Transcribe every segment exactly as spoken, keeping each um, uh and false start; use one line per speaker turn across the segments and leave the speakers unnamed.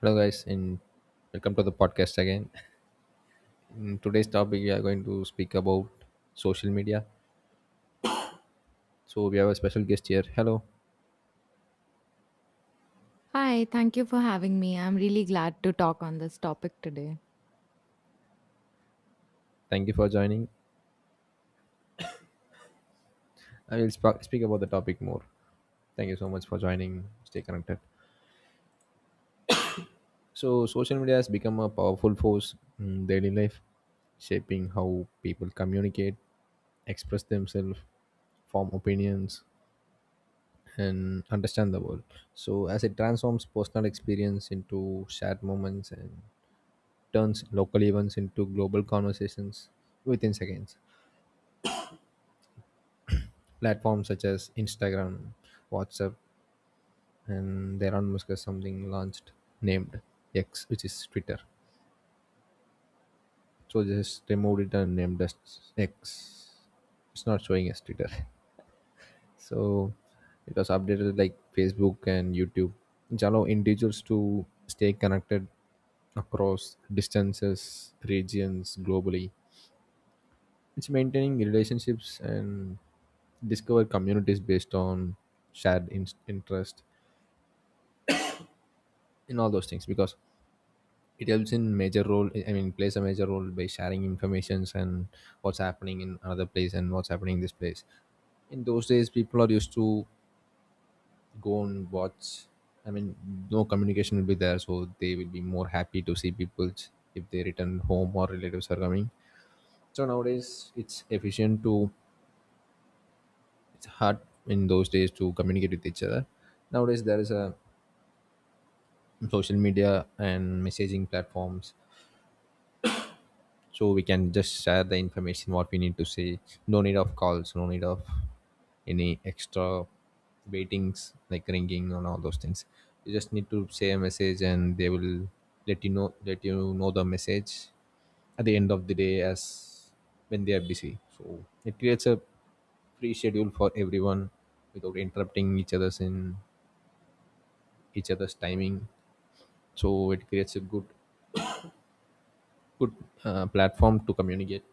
Hello, guys, and welcome to the podcast again. In today's topic, we are going to speak about social media. So we have a special guest here. Hello,
Hi, thank you for having me. I'm really glad to talk on this topic today.
thank you for joining. I will sp- speak about the topic more. Thank you so much for joining. Stay connected. So, social media has become a powerful force in daily life, shaping how people communicate, express themselves, form opinions, and understand the world. So as it transforms personal experience into shared moments and turns local events into global conversations within seconds. Platforms such as Instagram, WhatsApp, and there Elon Musk has something launched named X, which is Twitter. So just removed it and named as X. It's not showing as Twitter. So it was updated like Facebook and YouTube, which allow individuals to stay connected across distances, regions globally. It's maintaining relationships and discover communities based on shared in- interest in all those things, because it helps in major role, i mean plays a major role by sharing informations and what's happening in another place and what's happening in this place. In those days people are used to go and watch, i mean no communication will be there, so they will be more happy to see people if they return home or relatives are coming. So nowadays it's efficient to, it's hard in those days to communicate with each other. Nowadays there is a social media and messaging platforms, so we can just share the information what we need to say. No need of calls, no need of any extra waitings like ringing and all those things. You just need to say a message and they will let you know let you know the message at the end of the day as when they are busy. So it creates a free schedule for everyone without interrupting each other's in each other's timing. So it creates a good good uh, platform to communicate,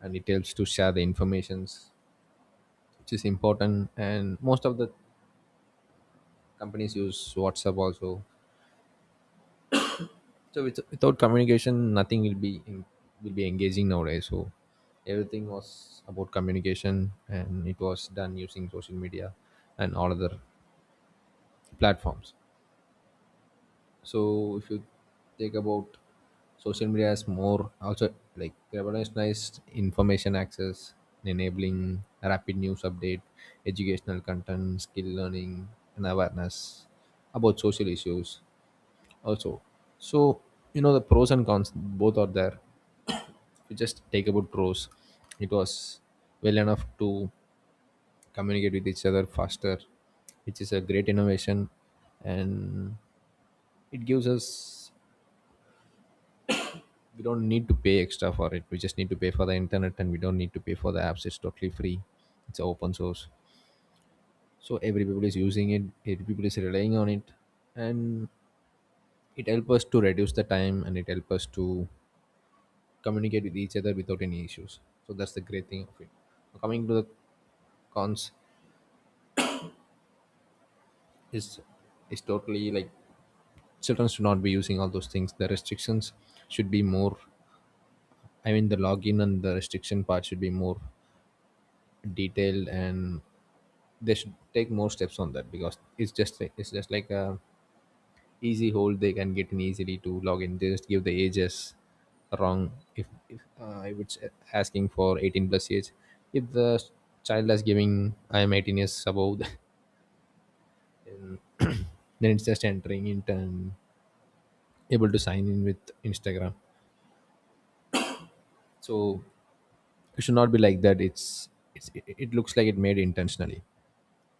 and it helps to share the informations which is important. And most of the companies use WhatsApp also. So with, without communication nothing will be in, will be engaging nowadays. So everything was about communication, and it was done using social media and all other platforms. So if you take about social media, has more also like revolutionized information access, enabling rapid news update, educational content, skill learning, and awareness about social issues also. So you know the pros and cons both are there. If you just take about pros, it was well enough to communicate with each other faster, which is a great innovation. And it gives us, we don't need to pay extra for it, we just need to pay for the internet, and we don't need to pay for the apps, it's totally free, it's open source. So every people is using it, every people is relying on it. And it helps us to reduce the time, and it helps us to communicate with each other without any issues. So that's the great thing of it. Coming to the cons, is is totally like, children should not be using all those things. The restrictions should be more, i mean the login and the restriction part should be more detailed, and they should take more steps on that, because it's just it's just like a easy hold, they can get in easily to log in. They just give the ages wrong. If, if uh, I would say asking for eighteen plus age, if the child is giving I am eighteen years above. Then, then it's just entering in and able to sign in with Instagram. So it should not be like that. It's, it's it, it looks like it made intentionally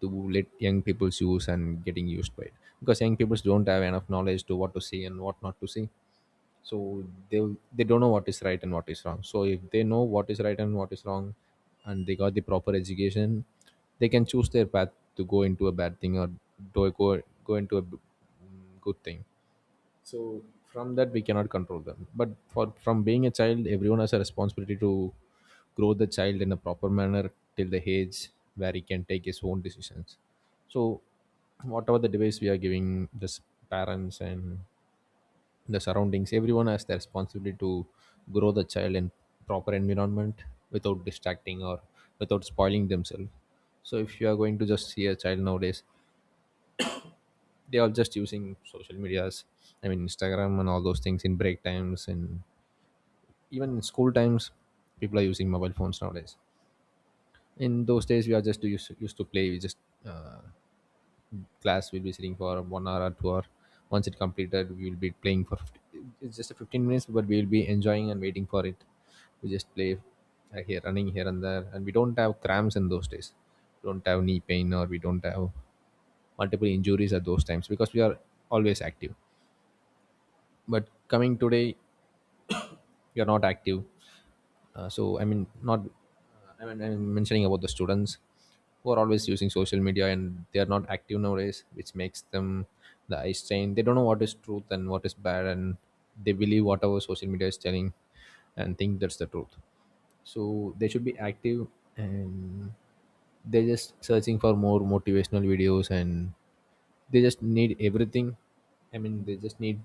to let young people use and getting used by it, because young people don't have enough knowledge to what to see and what not to see. So they they don't know what is right and what is wrong. So if they know what is right and what is wrong, and they got the proper education, they can choose their path to go into a bad thing, or do go go into a b- good thing. So from that we cannot control them. But for from being a child, everyone has a responsibility to grow the child in a proper manner till the age where he can take his own decisions. So whatever the device we are giving, the s- parents and the surroundings, everyone has the responsibility to grow the child in proper environment, without distracting or without spoiling themselves. So if you are going to just see a child nowadays, they are just using social medias, i mean Instagram and all those things in break times, and even in school times people are using mobile phones nowadays. In those days we are just used, used to play. We just uh, class will be sitting for one hour or two hour, once it completed we will be playing for fifty, it's just a fifteen minutes, but we will be enjoying and waiting for it. We just play, uh, here running here and there, and we don't have cramps in those days. We don't have knee pain, or we don't have multiple injuries at those times, because we are always active. But coming today, you're not active. Uh, so I mean not I mean, I'm mentioning about the students who are always using social media and they are not active nowadays, which makes them the eye strain. They don't know what is truth and what is bad, and they believe whatever social media is telling and think that's the truth. So they should be active. And they're just searching for more motivational videos, and they just need everything. I mean they just need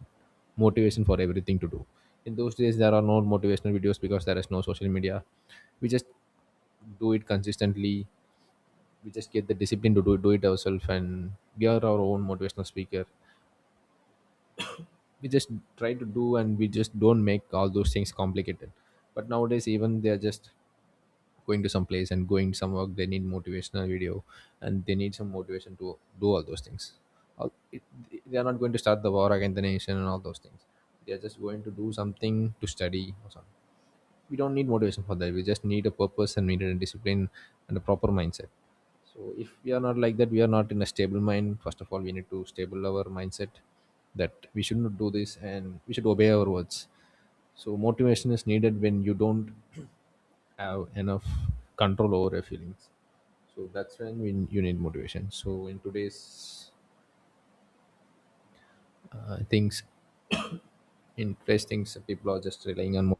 motivation for everything to do. In those days there are no motivational videos, because there is no social media. We just do it consistently. We just get the discipline to do, it, do it ourselves, and we are our own motivational speaker. We just try to do, and we just don't make all those things complicated. But nowadays, even they're just going to some place and going some work, they need motivational video, and they need some motivation to do all those things. All- it- they are not going to start the war against the nation and all those things. They are just going to do something to study or something. We don't need motivation for that. We just need a purpose, and we need a discipline and a proper mindset. So if we are not like that, we are not in a stable mind. First of all we need to stable our mindset, that we should not do this and we should obey our words. So motivation is needed when you don't have enough control over your feelings. So that's when we, you need motivation. So in today's uh, things, interesting, so people are just relying on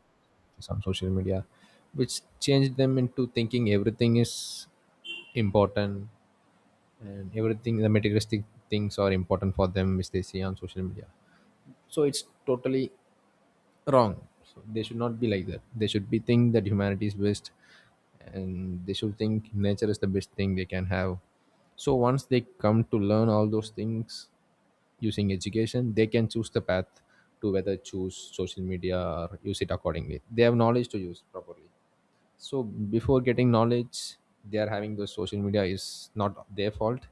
some social media, which changed them into thinking everything is important, and everything the materialistic things are important for them, which they see on social media. So it's totally wrong. So they should not be like that. They should be think that humanity is best, and they should think nature is the best thing they can have. So once they come to learn all those things using education, they can choose the path to whether choose social media or use it accordingly. They have knowledge to use properly. So before getting knowledge, they are having those social media is not their fault.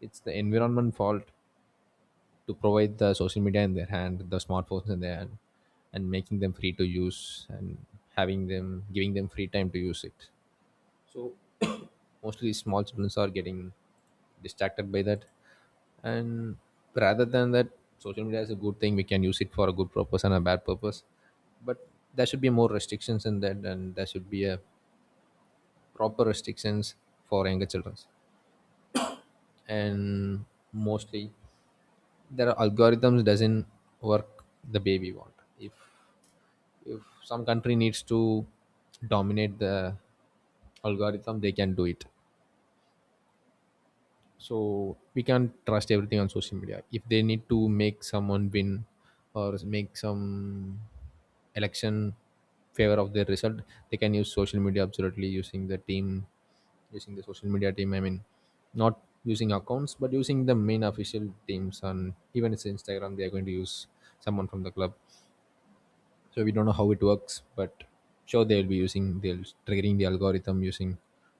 It's the environment fault to provide the social media in their hand, the smartphones in their hand, and making them free to use, and having them giving them free time to use it. So mostly small children are getting distracted by that, and rather than that, social media is a good thing. We can use it for a good purpose and a bad purpose, but there should be more restrictions in that, and there should be a proper restrictions for younger children. And mostly there are algorithms doesn't work the way we want. If if some country needs to dominate the algorithm, they can do it. So we can't trust everything on social media. If they need to make someone win, or make some election favor of their result, they can use social media absolutely using the team, using the social media team, i mean not using accounts but using the main official teams, and even it's Instagram, they are going to use someone from the club. So we don't know how it works, but sure they'll be using they'll triggering the algorithm using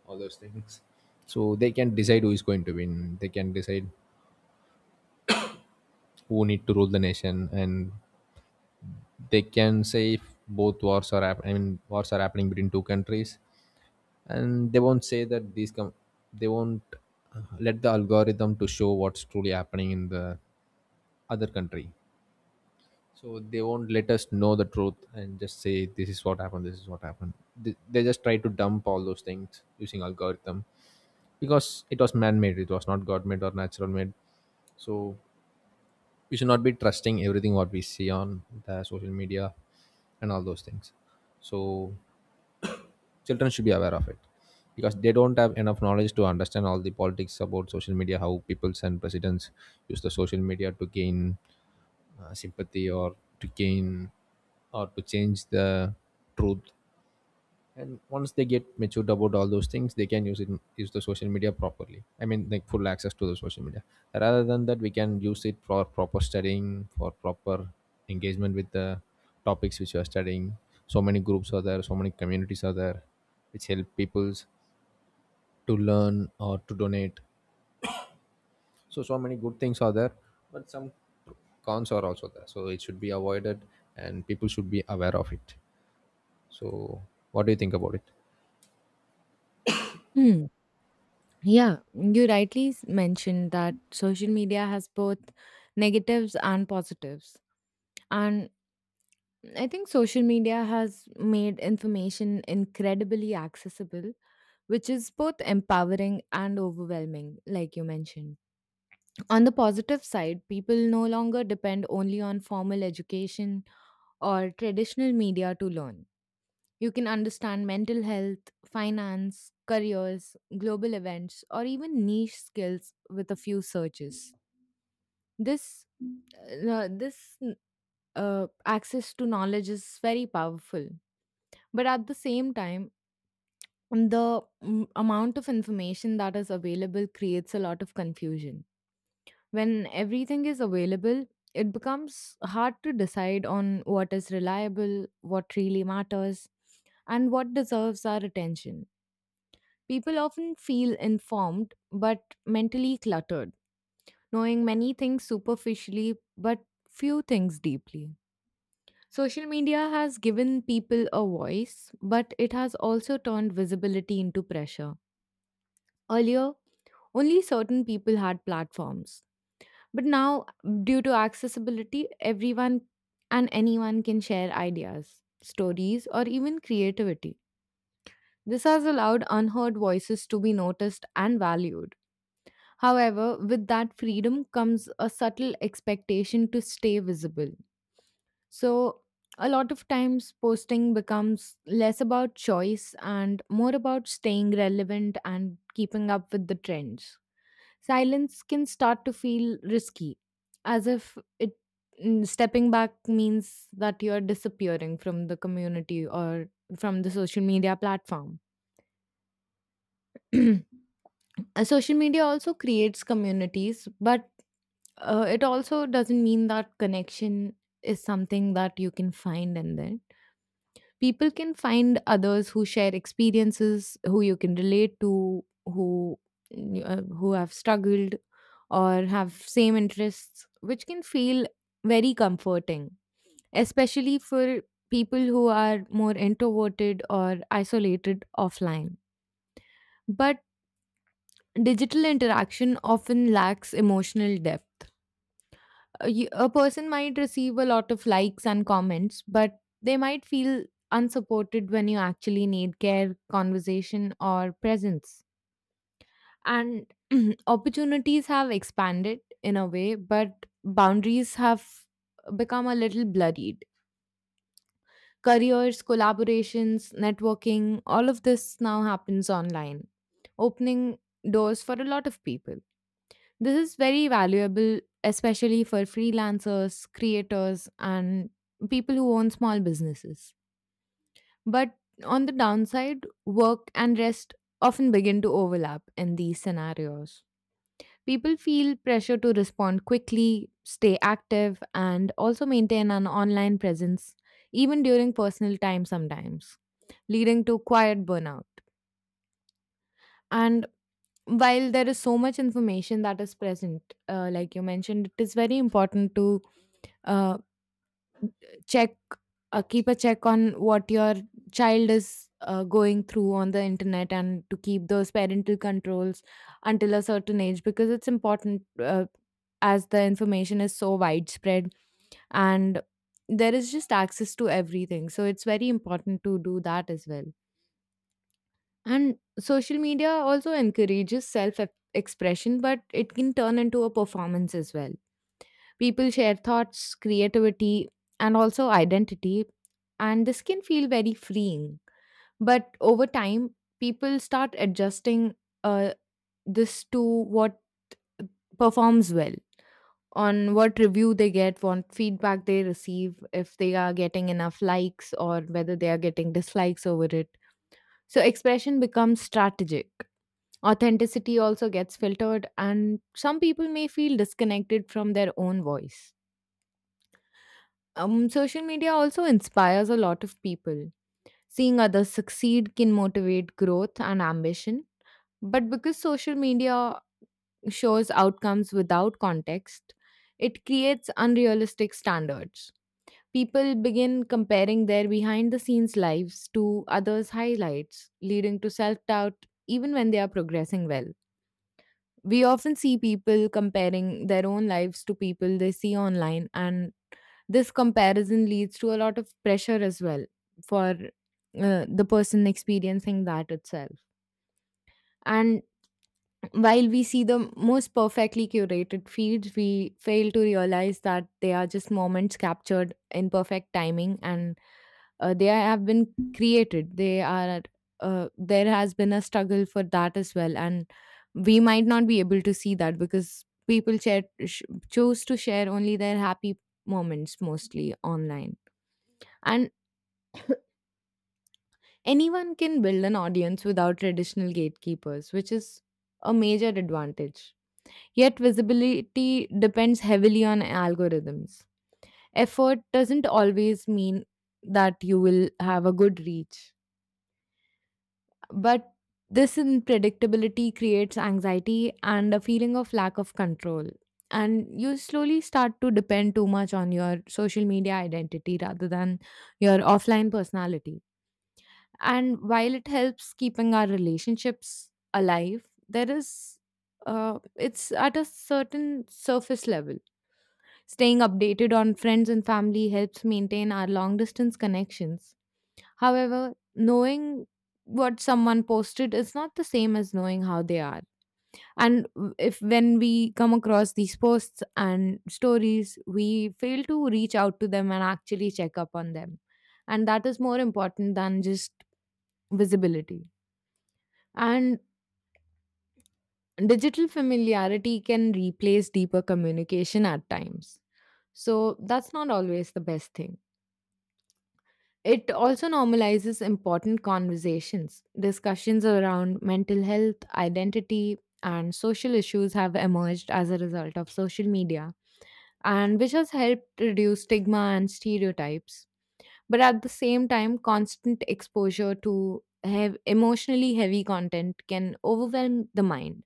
all those things. So they can decide who is going to win. They can decide who need to rule the nation. And they can say if both wars are hap- I mean wars are happening between two countries, and they won't say that these com- they won't uh, let the algorithm to show what's truly happening in the other country. So they won't let us know the truth, and just say this is what happened this is what happened. They, they just try to dump all those things using algorithm, because it was man-made, it was not god-made or natural-made. So we should not be trusting everything what we see on the social media and all those things. So children should be aware of it, because they don't have enough knowledge to understand all the politics about social media, how peoples and presidents use the social media to gain uh, sympathy, or to gain, or to change the truth. And once they get matured about all those things, they can use it, use the social media properly, i mean like full access to the social media. Rather than that, we can use it for proper studying, for proper engagement with the topics which you are studying. So many groups are there, so many communities are there, which help peoples to learn or to donate. So so many good things are there, but some cons are also there, so it should be avoided, and people should be aware of it. So what do you think about it?
Hmm. Yeah, you rightly s- mentioned that social media has both negatives and positives. And I think social media has made information incredibly accessible, which is both empowering and overwhelming, like you mentioned. On the positive side, people no longer depend only on formal education or traditional media to learn. You can understand mental health, finance, careers, global events, or even niche skills with a few searches. This uh, uh, this uh, access to knowledge is very powerful, but at the same time, the mm, amount of information that is available creates a lot of confusion. When everything is available, it becomes hard to decide on what is reliable, what really matters, and what deserves our attention. People often feel informed but mentally cluttered, knowing many things superficially but few things deeply. Social media has given people a voice, but it has also turned visibility into pressure. Earlier, only certain people had platforms, but now, due to accessibility, everyone and anyone can share ideas, stories, or even creativity. This has allowed unheard voices to be noticed and valued. However, with that freedom comes a subtle expectation to stay visible. So, a lot of times posting becomes less about choice and more about staying relevant and keeping up with the trends. Silence can start to feel risky, as if it mm, stepping back means that you're disappearing from the community or from the social media platform. Uh, social media also creates communities, but uh, it also doesn't mean that connection is something that you can find in there. People can find others who share experiences, who you can relate to, who mm, uh, who have struggled or have same interests, which can feel very comforting, especially for people who are more introverted or isolated offline. But digital interaction often lacks emotional depth. A, y- a person might receive a lot of likes and comments, but they might feel unsupported when you actually need care, conversation, or presence. And opportunities have expanded in a way, but boundaries have become a little bloodied. Careers, collaborations, networking, all of this now happens online, opening doors for a lot of people. This is very valuable, especially for freelancers, creators, and people who own small businesses. But on the downside, work and rest often begin to overlap in these scenarios. People feel pressure to respond quickly, stay active, and also maintain an online presence, even during personal time sometimes, leading to quiet burnout. And while there is so much information that is present, uh, like you mentioned, it is very important to uh, check, uh, keep a check on what your child is uh, going through on the internet and to keep those parental controls until a certain age because it's important, uh, as the information is so widespread and there is just access to everything. So it's very important to do that as well. And social media also encourages self expression, but it can turn into a performance as well. People share thoughts, creativity, and also identity, and this can feel very freeing. But over time, people start adjusting uh, this to what performs well, on what review they get, what feedback they receive, if they are getting enough likes, or whether they are getting dislikes over it. So, expression becomes strategic. Authenticity also gets filtered, and some people may feel disconnected from their own voice. Um, social media also inspires a lot of people. Seeing others succeed can motivate growth and ambition. But because social media shows outcomes without context, it creates unrealistic standards. People begin comparing their behind the scenes lives to others' highlights, leading to self doubt even when they are progressing well. We often see people comparing their own lives to people they see online, and this comparison leads to a lot of pressure as well for uh, the person experiencing that itself. And while we see the most perfectly curated feeds, we fail to realize that they are just moments captured in perfect timing, and uh, they have been created. They are, uh, there has been a struggle for that as well. And we might not be able to see that because people share, sh- choose to share only their happy moments mostly online. And anyone can build an audience without traditional gatekeepers, which is a major advantage. Yet visibility depends heavily on algorithms. Effort doesn't always mean that you will have a good reach, but this unpredictability creates anxiety and a feeling of lack of control. And you slowly start to depend too much on your social media identity rather than your offline personality. And while it helps keeping our relationships alive, there is, uh, it's at a certain surface level. Staying updated on friends and family helps maintain our long distance connections. However, knowing what someone posted is not the same as knowing how they are. And w- if when we come across these posts and stories, we fail to reach out to them and actually check up on them. And that is more important than just visibility. And digital familiarity can replace deeper communication at times. So that's not always the best thing. It also normalizes important conversations. Discussions around mental health, identity, and social issues have emerged as a result of social media, and which has helped reduce stigma and stereotypes. But at the same time, constant exposure to hev- emotionally heavy content can overwhelm the mind,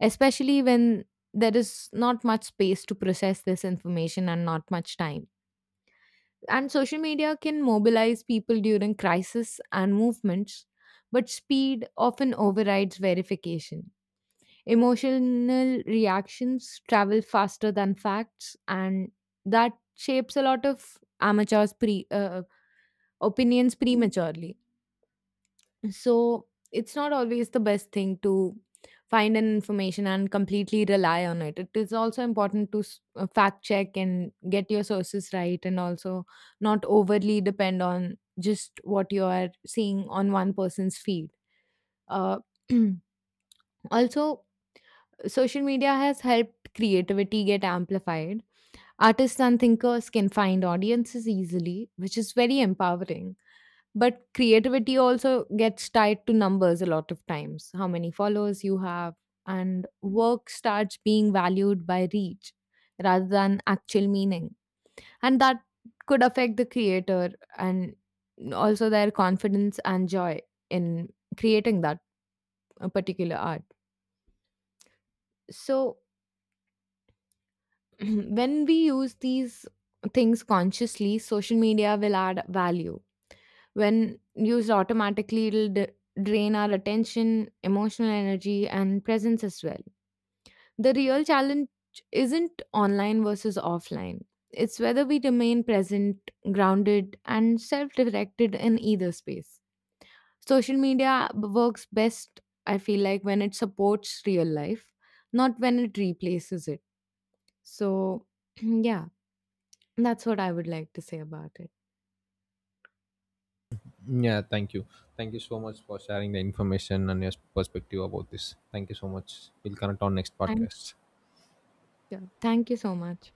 especially when there is not much space to process this information and not much time. And social media can mobilize people during crisis and movements, but speed often overrides verification. Emotional reactions travel faster than facts, and that shapes a lot of amateurs' pre, uh, opinions prematurely. So it's not always the best thing to find an information and completely rely on it. It is also important to s- uh, fact check and get your sources right, and also not overly depend on just what you are seeing on one person's feed. Uh, also, social media has helped creativity get amplified. Artists and thinkers can find audiences easily, which is very empowering, but creativity also gets tied to numbers a lot of times, how many followers you have, and work starts being valued by reach rather than actual meaning. And that could affect the creator and also their confidence and joy in creating that uh, particular art. So, when we use these things consciously, social media will add value. When used automatically, it'll d- drain our attention, emotional energy, and presence as well. The real challenge isn't online versus offline, it's whether we remain present, grounded, and self directed in either space. Social media b- works best, I feel like, when it supports real life, not when it replaces it. So, yeah, that's what I would like to say about it.
Yeah, thank you. Thank you so much for sharing the information and your perspective about this. Thank you so much. We'll connect on next
Thank you.
podcast.
Yeah, thank you so much.